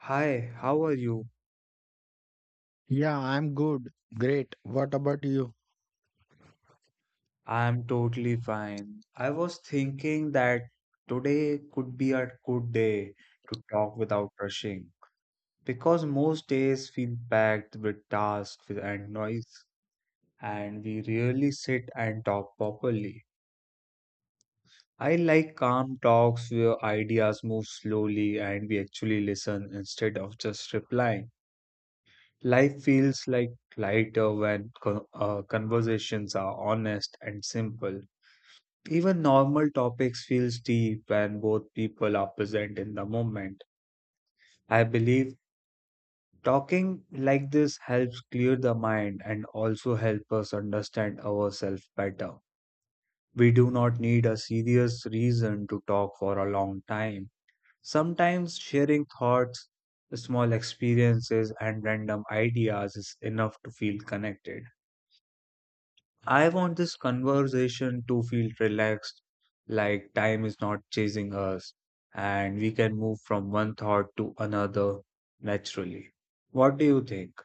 Hi, how are you? Yeah, I'm good. Great. What about you? I'm totally fine. I was thinking that today could be a good day to talk without rushing because most days feel packed with tasks and noise, and we rarely sit and talk properly. I like calm talks where ideas move slowly and we actually listen instead of just replying. Life feels like lighter when conversations are honest and simple. Even normal topics feels deep when both people are present in the moment. I believe talking like this helps clear the mind and also help us understand ourselves better. We do not need a serious reason to talk for a long time. Sometimes sharing thoughts, small experiences and random ideas is enough to feel connected. I want this conversation to feel relaxed, like time is not chasing us, and we can move from one thought to another naturally. What do you think?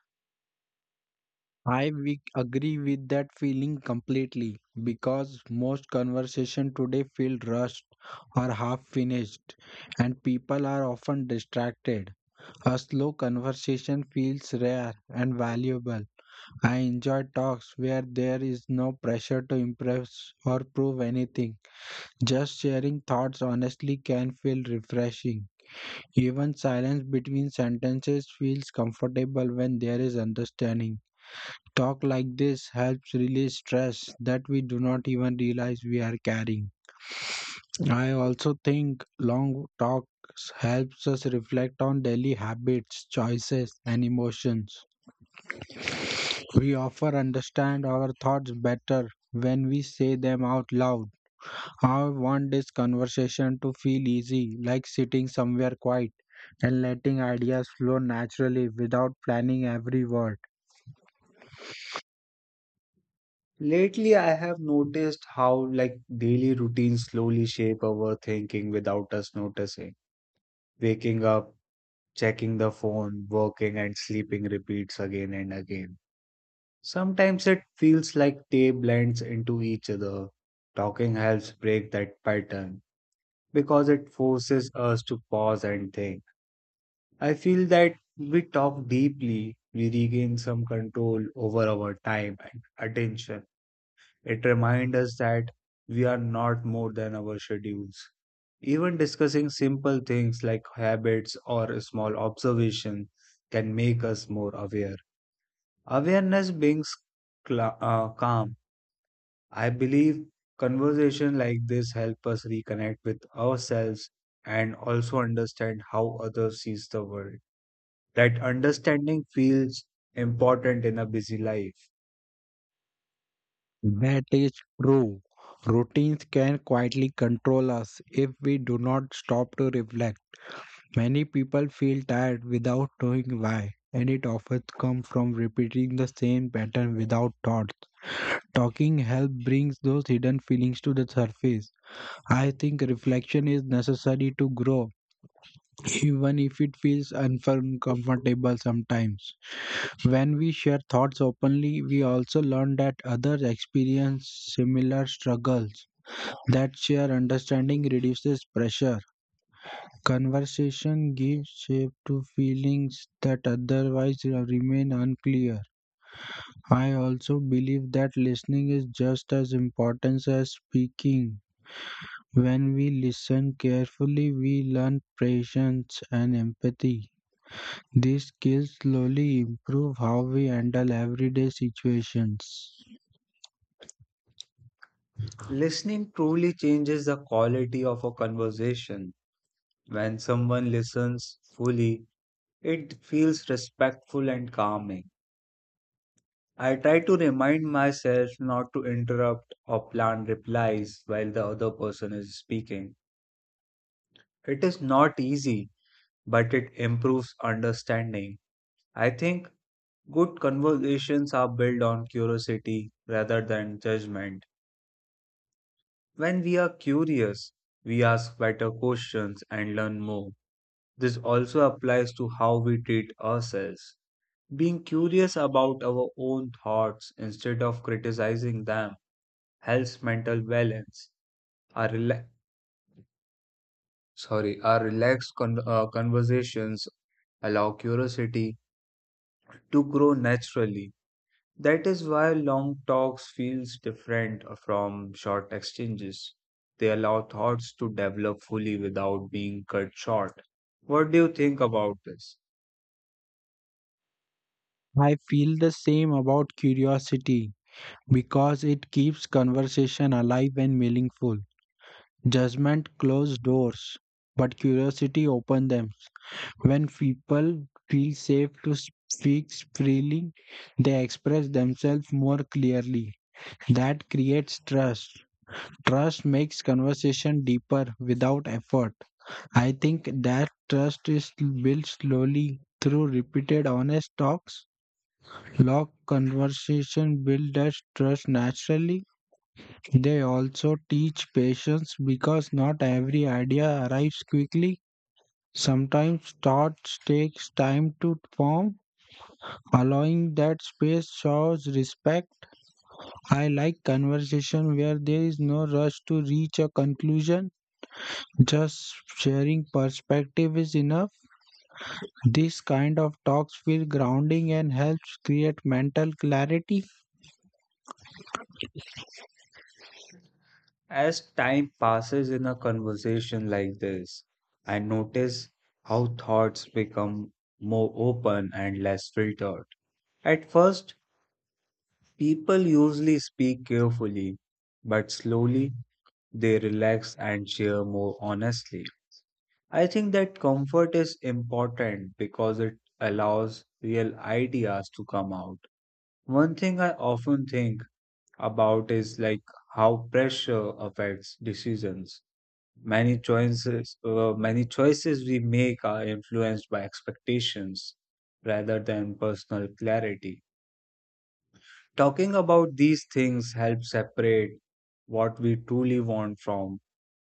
I we agree with that feeling completely because most conversation today feel rushed or half finished and people are often distracted. A slow conversation feels rare and valuable. I enjoy talks where there is no pressure to impress or prove anything. Just sharing thoughts honestly can feel refreshing. Even silence between sentences feels comfortable when there is understanding. Talk like this helps release stress that we do not even realize we are carrying. I also think long talks helps us reflect on daily habits, choices, and emotions. We often understand our thoughts better when we say them out loud. I want this conversation to feel easy, like sitting somewhere quiet and letting ideas flow naturally without planning every word. Lately, I have noticed how, daily routines slowly shape our thinking without us noticing. Waking up, checking the phone, working, and sleeping repeats again and again. Sometimes it feels like they blends into each other. Talking helps break that pattern because it forces us to pause and think. I feel that we talk deeply, we regain some control over our time and attention. It reminds us that we are not more than our schedules. Even discussing simple things like habits or a small observation can make us more aware. Awareness brings calm. I believe conversation like this help us reconnect with ourselves and also understand how others sees the world. That understanding feels important in a busy life. That is true. Routines can quietly control us if we do not stop to reflect. Many people feel tired without knowing why, and it often comes from repeating the same pattern without thought. Talking helps brings those hidden feelings to the surface. I think reflection is necessary to grow even if it feels uncomfortable sometimes. When we share thoughts openly, we also learn that others experience similar struggles. That shared understanding reduces pressure. Conversation gives shape to feelings that otherwise remain unclear. I also believe that listening is just as important as speaking. When we listen carefully, we learn patience and empathy. These skills slowly improve how we handle everyday situations. Listening truly changes the quality of a conversation. When someone listens fully, it feels respectful and calming. I try to remind myself not to interrupt or plan replies while the other person is speaking. It is not easy but it improves understanding. I think good conversations are built on curiosity rather than judgment. When we are curious, we ask better questions and learn more. This also applies to how we treat ourselves. Being curious about our own thoughts instead of criticizing them helps mental balance. Our our relaxed conversations allow curiosity to grow naturally. That is why long talks feels different from short exchanges. They allow thoughts to develop fully without being cut short. What do you think about this? I feel the same about curiosity because it keeps conversation alive and meaningful. Judgment closes doors, but curiosity opens them. When people feel safe to speak freely, they express themselves more clearly. That creates trust. Trust makes conversation deeper without effort. I think that trust is built slowly through repeated honest talks. Long conversation build that trust naturally. They also teach patience because not every idea arrives quickly. Sometimes thoughts takes time to form. Allowing that space shows respect. I like conversation where there is no rush to reach a conclusion. Just sharing perspective is enough. This kind of talks feel grounding and helps create mental clarity. As time passes in a conversation like this, I notice how thoughts become more open and less filtered. At first, people usually speak carefully, but slowly they relax and share more honestly. I think that comfort is important because it allows real ideas to come out. One thing I often think about is how pressure affects decisions. Many choices we make are influenced by expectations rather than personal clarity. Talking about these things helps separate what we truly want from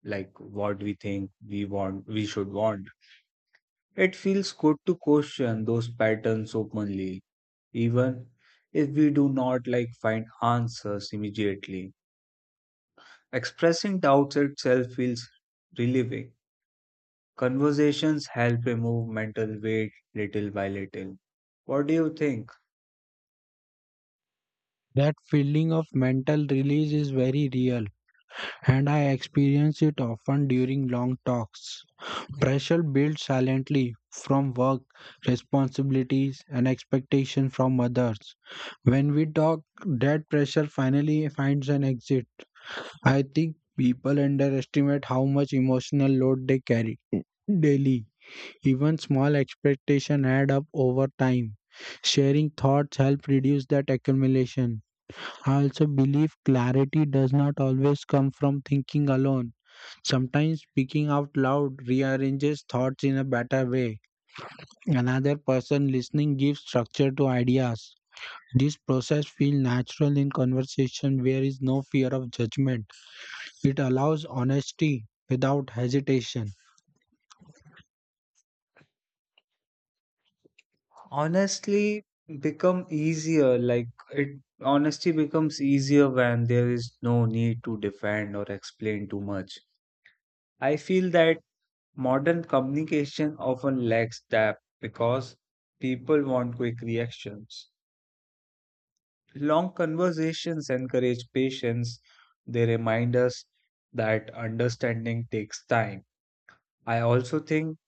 what we think we should want. It feels good to question those patterns openly, even if we do not find answers immediately. Expressing doubts itself feels relieving. Conversations help remove mental weight little by little. What do you think? That feeling of mental release is very real, and I experience it often during long talks. Pressure builds silently from work, responsibilities, and expectation from others. When we talk, that pressure finally finds an exit. I think people underestimate how much emotional load they carry daily. Even small expectations add up over time. Sharing thoughts help reduce that accumulation. I also believe clarity does not always come from thinking alone. Sometimes speaking out loud rearranges thoughts in a better way. Another person listening gives structure to ideas. This process feels natural in conversation where is no fear of judgment. It allows honesty without hesitation. Honestly, become easier like it Honesty becomes easier when there is no need to defend or explain too much. I feel that modern communication often lacks depth because people want quick reactions. Long conversations encourage patience. They remind us that understanding takes time. I also think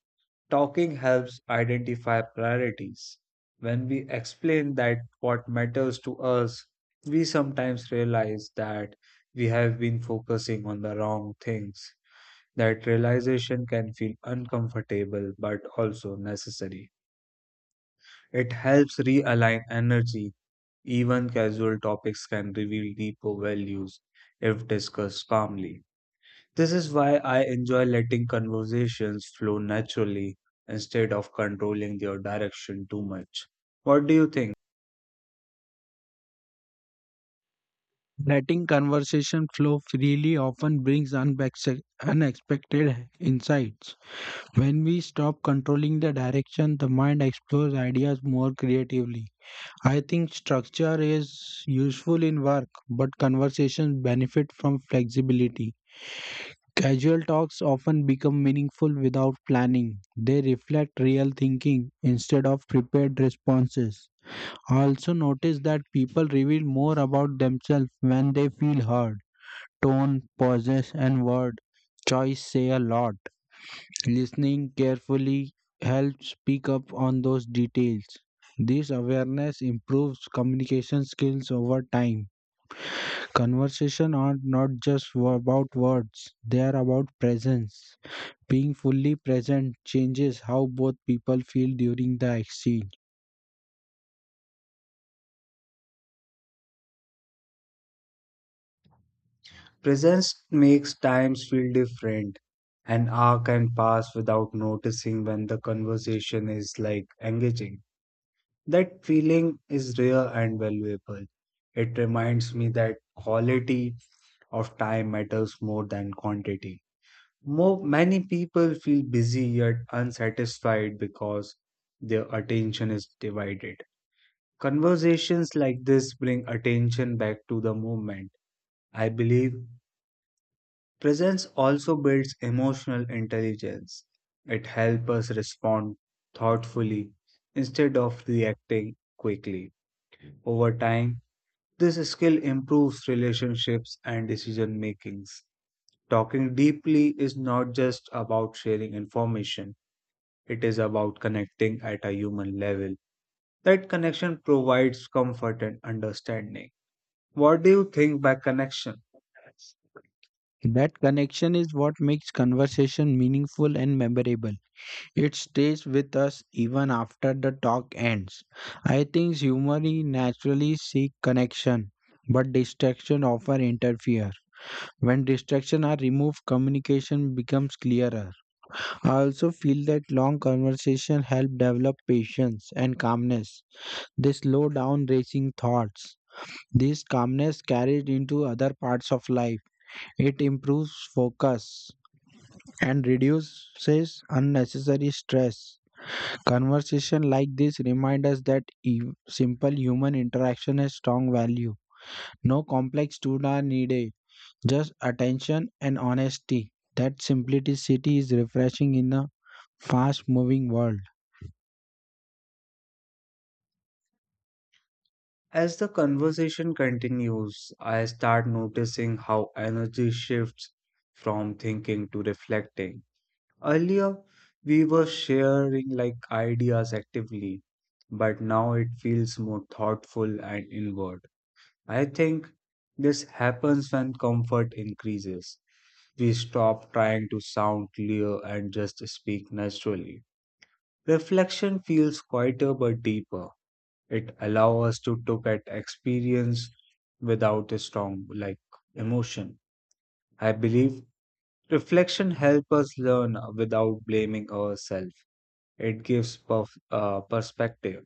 talking helps identify priorities. When we explain that what matters to us, we sometimes realize that we have been focusing on the wrong things. That realization can feel uncomfortable but also necessary. It helps realign energy. Even casual topics can reveal deeper values if discussed calmly. This is why I enjoy letting conversations flow naturally instead of controlling their direction too much. What do you think? Letting conversation flow freely often brings unexpected insights. When we stop controlling the direction, the mind explores ideas more creatively. I think structure is useful in work, but conversations benefit from flexibility. Casual talks often become meaningful without planning. They reflect real thinking instead of prepared responses. I also notice that people reveal more about themselves when they feel heard. Tone, pauses, and word choice say a lot. Listening carefully helps pick up on those details. This awareness improves communication skills over time. Conversation are not just about words, they are about presence. Being fully present changes how both people feel during the exchange. Presence makes times feel different. An hour can pass without noticing when the conversation is engaging. That feeling is rare and valuable. It reminds me that quality of time matters more than quantity. Many people feel busy yet unsatisfied because their attention is divided. Conversations like this bring attention back to the moment. I believe presence also builds emotional intelligence. It helps us respond thoughtfully instead of reacting quickly. Over time, this skill improves relationships and decision makings. Talking deeply is not just about sharing information, it is about connecting at a human level. That connection provides comfort and understanding. What do you think by connection? That connection is what makes conversation meaningful and memorable. It stays with us even after the talk ends. I think humans naturally seek connection, but distraction often interfere. When distraction are removed, communication becomes clearer. I also feel that long conversation help develop patience and calmness. They slow down racing thoughts. This calmness carried into other parts of life. It improves focus and reduces unnecessary stress. Conversation like this remind us that simple human interaction has strong value. No complex tools are needed, just attention and honesty. That simplicity is refreshing in a fast moving world. As the conversation continues, I start noticing how energy shifts from thinking to reflecting. Earlier, we were sharing ideas actively, but now it feels more thoughtful and inward. I think this happens when comfort increases. We stop trying to sound clear and just speak naturally. Reflection feels quieter but deeper. It allows us to look at experience without a strong emotion. I believe reflection helps us learn without blaming ourselves. It gives perspective.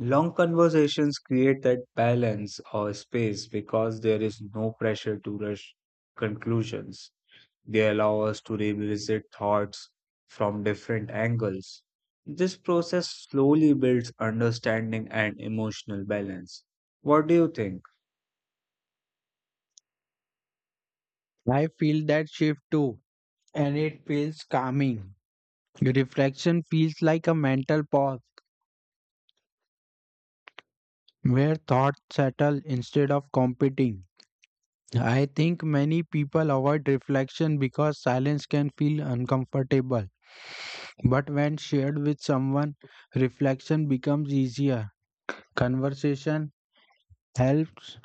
Long conversations create that balance or space because there is no pressure to rush conclusions. They allow us to revisit thoughts from different angles. This process slowly builds understanding and emotional balance. What do you think? I feel that shift too, and it feels calming. Reflection feels like a mental pause where thoughts settle instead of competing. I think many people avoid reflection because silence can feel uncomfortable. But when shared with someone, reflection becomes easier. Conversation helps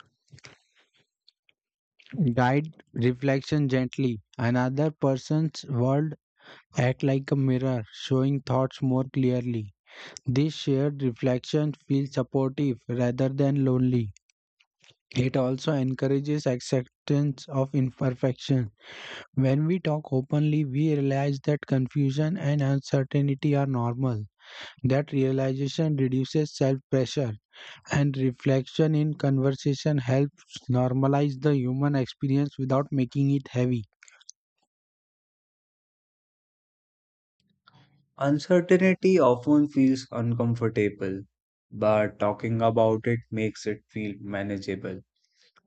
guide reflection gently. Another person's world act like a mirror, showing thoughts more clearly. This shared reflection feels supportive rather than lonely. It also encourages acceptance of imperfection. When we talk openly, we realize that confusion and uncertainty are normal. That realization reduces self pressure, and reflection in conversation helps normalize the human experience without making it heavy. Uncertainty often feels uncomfortable, but talking about it makes it feel manageable.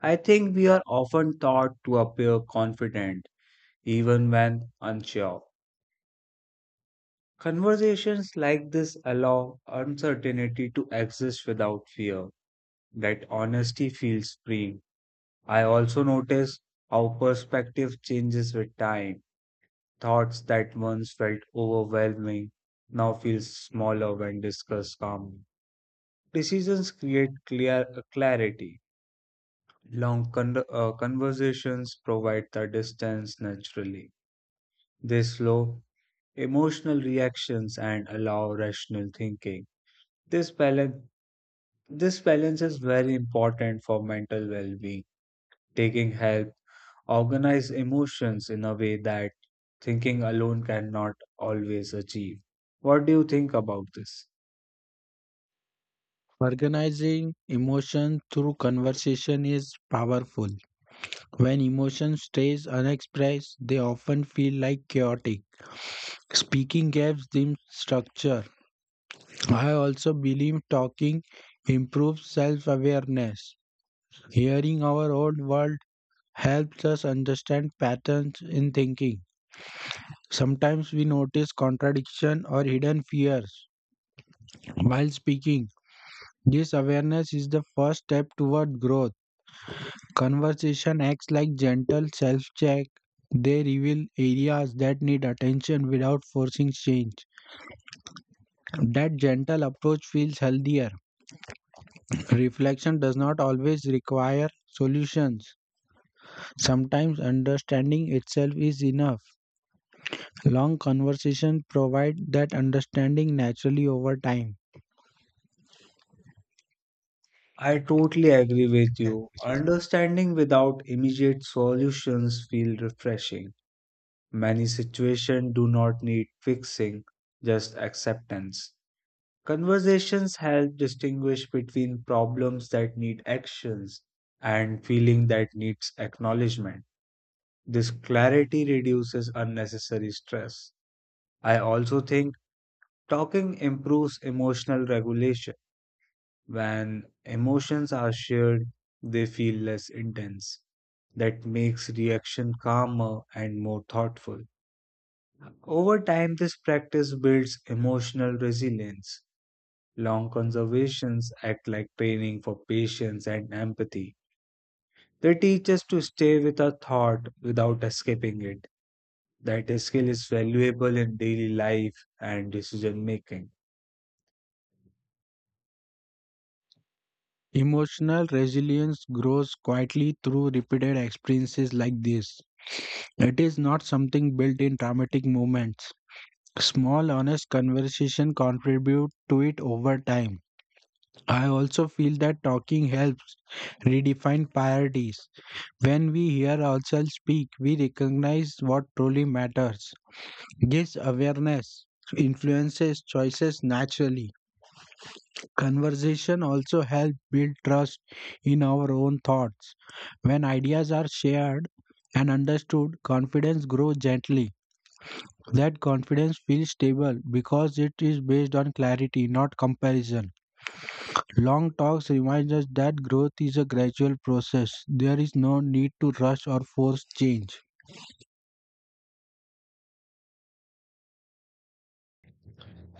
I think we are often taught to appear confident even when unsure. Conversations like this allow uncertainty to exist without fear. That honesty feels free. I also notice how perspective changes with time. Thoughts that once felt overwhelming now feel smaller when discussed calmly. Decisions create clear clarity. Long conversations provide the distance naturally. They slow emotional reactions and allow rational thinking. This balance, this balance is very important for mental well-being. Taking help organize emotions in a way that thinking alone cannot always achieve. What do you think about this? Organizing emotion through conversation is powerful. When emotion stays unexpressed, they often feel like chaotic. Speaking gives them structure. I also believe talking improves self awareness. Hearing our own world helps us understand patterns in thinking. Sometimes we notice contradiction or hidden fears while speaking. This awareness is the first step toward growth. Conversation acts like gentle self check. They reveal areas that need attention without forcing change. That gentle approach feels healthier. Reflection does not always require solutions. Sometimes understanding itself is enough. Long conversations provide that understanding naturally over time. I totally agree with you. Understanding without immediate solutions feel refreshing. Many situations do not need fixing, just acceptance. Conversations help distinguish between problems that need actions and feeling that needs acknowledgement. This clarity reduces unnecessary stress. I also think talking improves emotional regulation. When emotions are shared, they feel less intense. That makes reaction calmer and more thoughtful. Over time, this practice builds emotional resilience. Long conversations act like training for patience and empathy. They teach us to stay with a thought without escaping it. That skill is valuable in daily life and decision making. Emotional resilience grows quietly through repeated experiences like this. It is not something built in dramatic moments. Small, honest conversation contribute to it over time. I also feel that talking helps redefine priorities. When we hear ourselves speak, we recognize what truly matters. This awareness influences choices naturally. Conversation also helps build trust in our own thoughts. When ideas are shared and understood, confidence grows gently. That confidence feels stable because it is based on clarity, not comparison. Long talks remind us that growth is a gradual process. There is no need to rush or force change.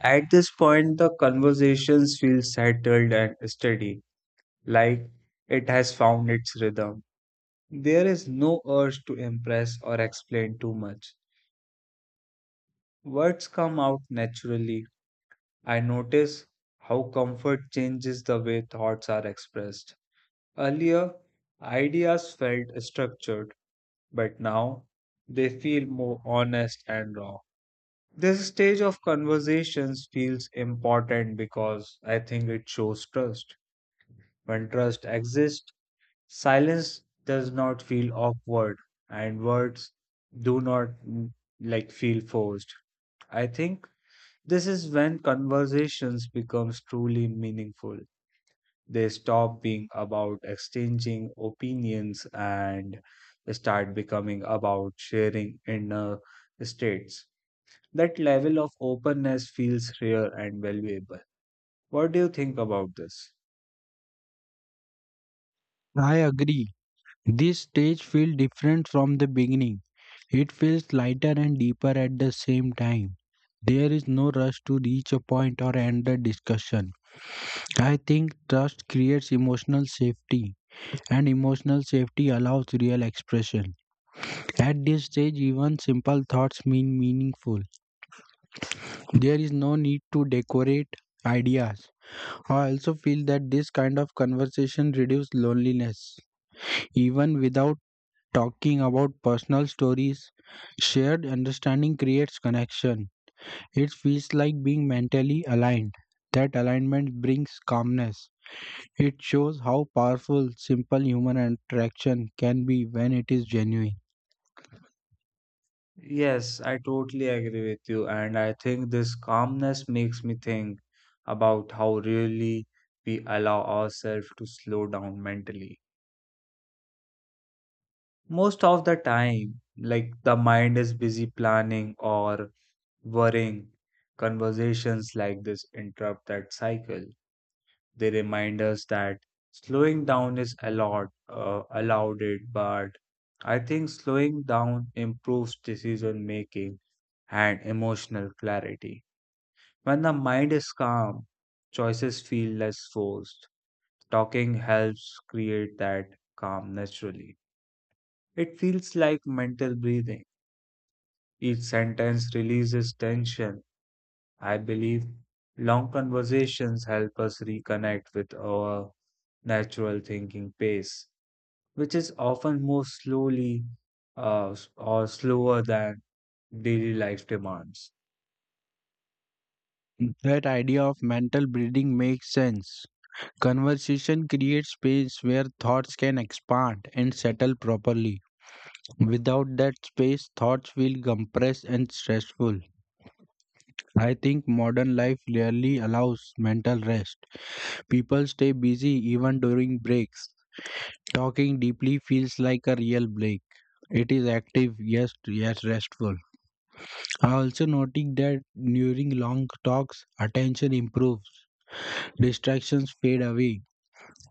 At this point, the conversations feel settled and steady, like it has found its rhythm. There is no urge to impress or explain too much. Words come out naturally. I notice how comfort changes the way thoughts are expressed. Earlier, ideas felt structured, but now they feel more honest and raw. This stage of conversations feels important because I think it shows trust. When trust exists, silence does not feel awkward and words do not feel forced. I think this is when conversations becomes truly meaningful. They stop being about exchanging opinions and start becoming about sharing inner states. That level of openness feels rare and valuable. What do you think about this? I agree. This stage feels different from the beginning. It feels lighter and deeper at the same time. There is no rush to reach a point or end the discussion. I think trust creates emotional safety, and emotional safety allows real expression. At this stage, even simple thoughts mean meaningful. There is no need to decorate ideas. I also feel that this kind of conversation reduces loneliness. Even without talking about personal stories. Shared understanding creates connection. It feels like being mentally aligned. That alignment brings calmness. It shows how powerful simple human interaction can be when it is genuine. Yes, I totally agree with you, and I think this calmness makes me think about how really we allow ourselves to slow down mentally. Most of the time, the mind is busy planning or worrying. Conversations like this interrupt that cycle. They remind us that slowing down is allowed it, but I think slowing down improves decision making and emotional clarity. When the mind is calm, choices feel less forced. Talking helps create that calm naturally. It feels like mental breathing. Each sentence releases tension. I believe long conversations help us reconnect with our natural thinking pace, which is often more slowly s- or slower than daily life demands. That idea of mental breathing makes sense. Conversation creates space where thoughts can expand and settle properly. Without that space, thoughts feel compressed and stressful. I think modern life rarely allows mental rest. People stay busy even during breaks. Talking deeply feels like a real break. It is active, yes, restful. I also noting that during long talks, attention improves, distractions fade away.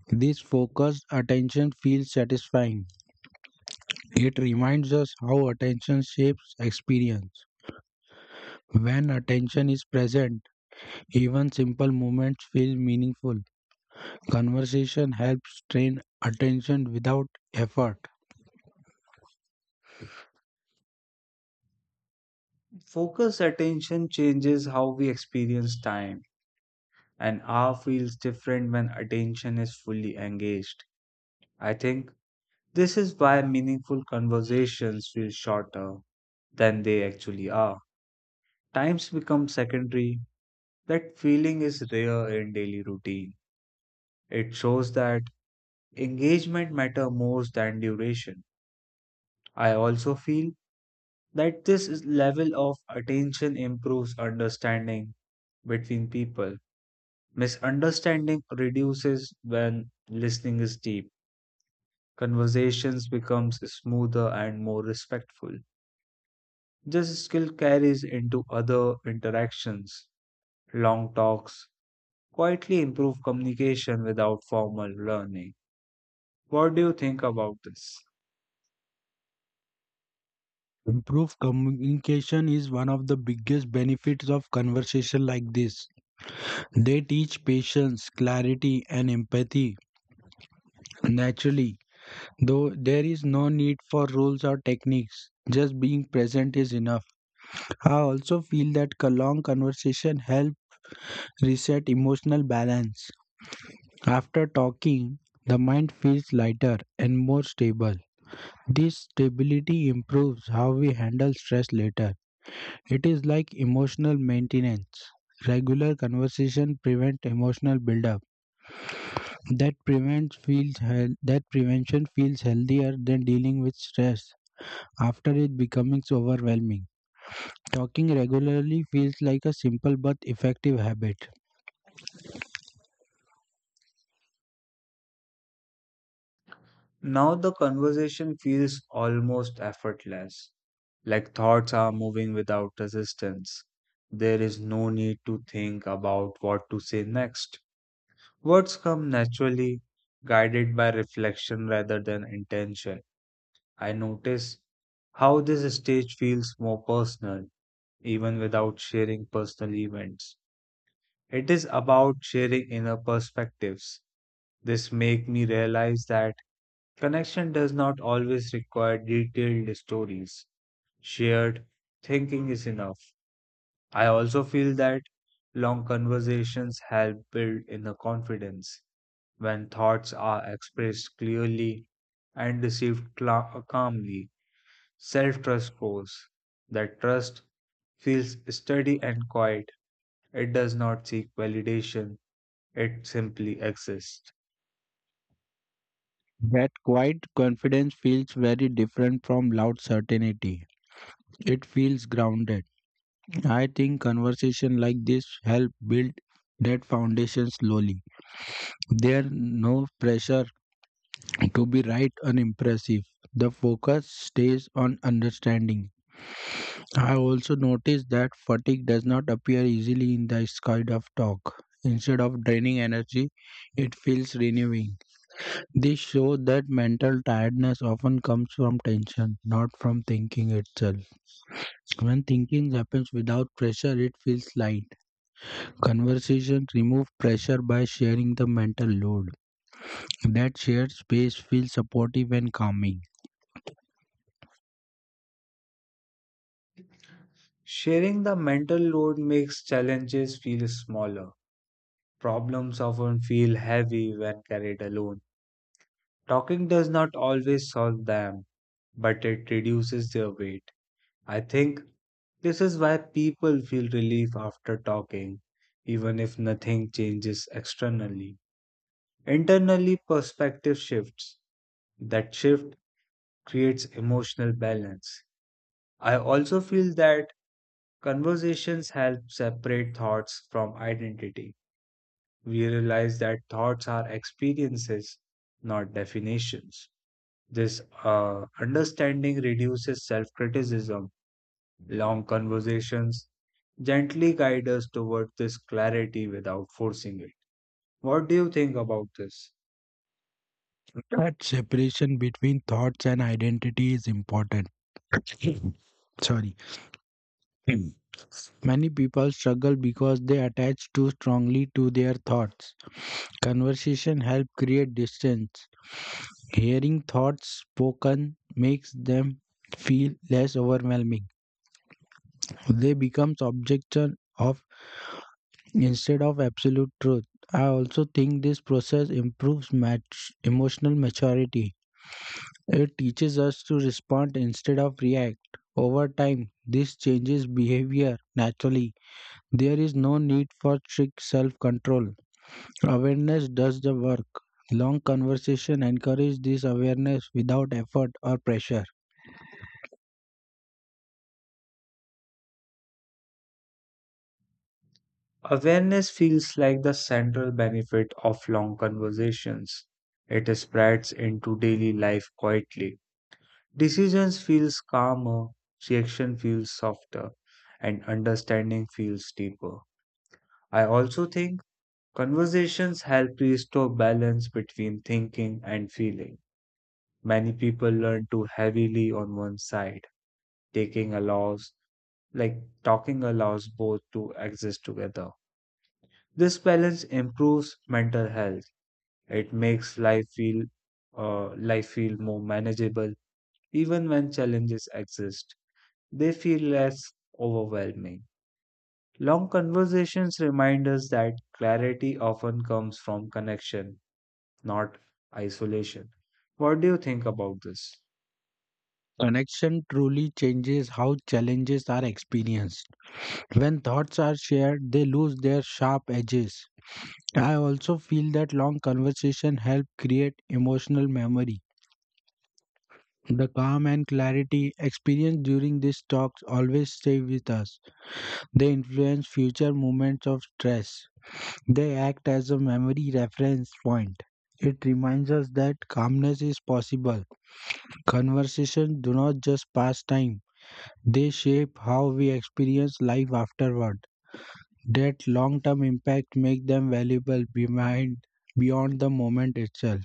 This focused attention feels satisfying. It reminds us how attention shapes experience. When attention is present, even simple moments feel meaningful. Conversation helps train attention without effort. Focus attention changes how we experience time, and R feels different when attention is fully engaged. I think this is why meaningful conversations feel shorter than they actually are. Times become secondary. That feeling is rare in daily routine. It shows that engagement matter more than duration. I also feel that level of attention improves understanding between people. Misunderstanding reduces when listening is deep. Conversations becomes smoother and more respectful. This skill carries into other interactions. Long talks quietly improve communication without formal learning. What do you think about this? Improved communication is one of the biggest benefits of conversation like this. They teach patience, clarity, and empathy naturally, though there is no need for rules or techniques. Just being present is enough. I also feel that a long conversation helps reset emotional balance. After talking, the mind feels lighter and more stable. This stability improves how we handle stress later. It is like emotional maintenance. Regular conversation prevent emotional buildup. That prevention feels healthier than dealing with stress after it becoming so overwhelming. Talking regularly feels like a simple but effective habit. Now the conversation feels almost effortless, like thoughts are moving without resistance. There is no need to think about what to say next. Words come naturally, guided by reflection rather than intention. I notice how this stage feels more personal, even without sharing personal events. It is about sharing inner perspectives. This make me realize that connection does not always require detailed stories. Shared thinking is enough. I also feel that long conversations help build inner confidence. When thoughts are expressed clearly and received calmly, self trust grows. That trust feels steady and quiet. It does not seek validation, it simply exists. That quiet confidence feels very different from loud certainty. It feels grounded. I think conversation like this help build that foundation slowly. There's no pressure to be right and impressive. The focus stays on understanding. I also noticed that fatigue does not appear easily in this kind of talk. Instead of draining energy, it feels renewing. This shows that mental tiredness often comes from tension, not from thinking itself. When thinking happens without pressure, it feels light. Conversation remove pressure by sharing the mental load. That shared space feels supportive and calming. Sharing the mental load makes challenges feel smaller. Problems often feel heavy when carried alone. Talking does not always solve them, but it reduces their weight. I think this is why people feel relief after talking, even if nothing changes externally. Internally, perspective shifts. That shift creates emotional balance. I also feel that conversations help separate thoughts from identity. We realize that thoughts are experiences, not definitions. This understanding reduces self criticism. Long conversations gently guide us toward this clarity without forcing it. What do you think about this? That separation between thoughts and identity is important. Sorry. Many people struggle because they attach too strongly to their thoughts. Conversation help create distance. Hearing thoughts spoken makes them feel less overwhelming. They become objects of instead of absolute truth. I also think this process improves emotional maturity. It teaches us to respond instead of react. Over time, this changes behavior naturally. There is no need for strict self control. Awareness does the work. Long conversation encourage this awareness without effort or pressure. Awareness feels like the central benefit of long conversations. It spreads into daily life quietly. Decisions feels calmer, reaction feels softer, and understanding feels deeper. I also think conversations help restore balance between thinking and feeling. Many people learn too heavily on one side. Taking allows, like talking allows both to exist together. This balance improves mental health. It makes life feel more manageable even when challenges exist. They feel less overwhelming. Long conversations remind us that clarity often comes from connection not isolation. What do you think about this? Connection truly changes how challenges are experienced. When thoughts are shared, they lose their sharp edges. I also feel that long conversation help create emotional memory. The calm and clarity experienced during these talks always stay with us. They influence future moments of stress. They act as a memory reference point. It reminds us that calmness is possible. Conversations do not just pass time, they shape how we experience life afterward. That long term impact makes them valuable behind beyond the moment itself.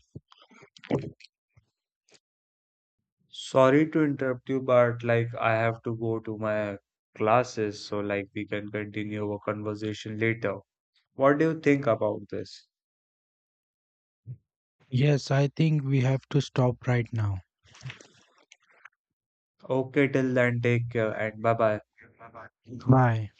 Sorry to interrupt you, but I have to go to my classes, so we can continue our conversation later. What do you think about this? Yes, I think we have to stop right now. Okay, till then, take care and bye bye. Bye.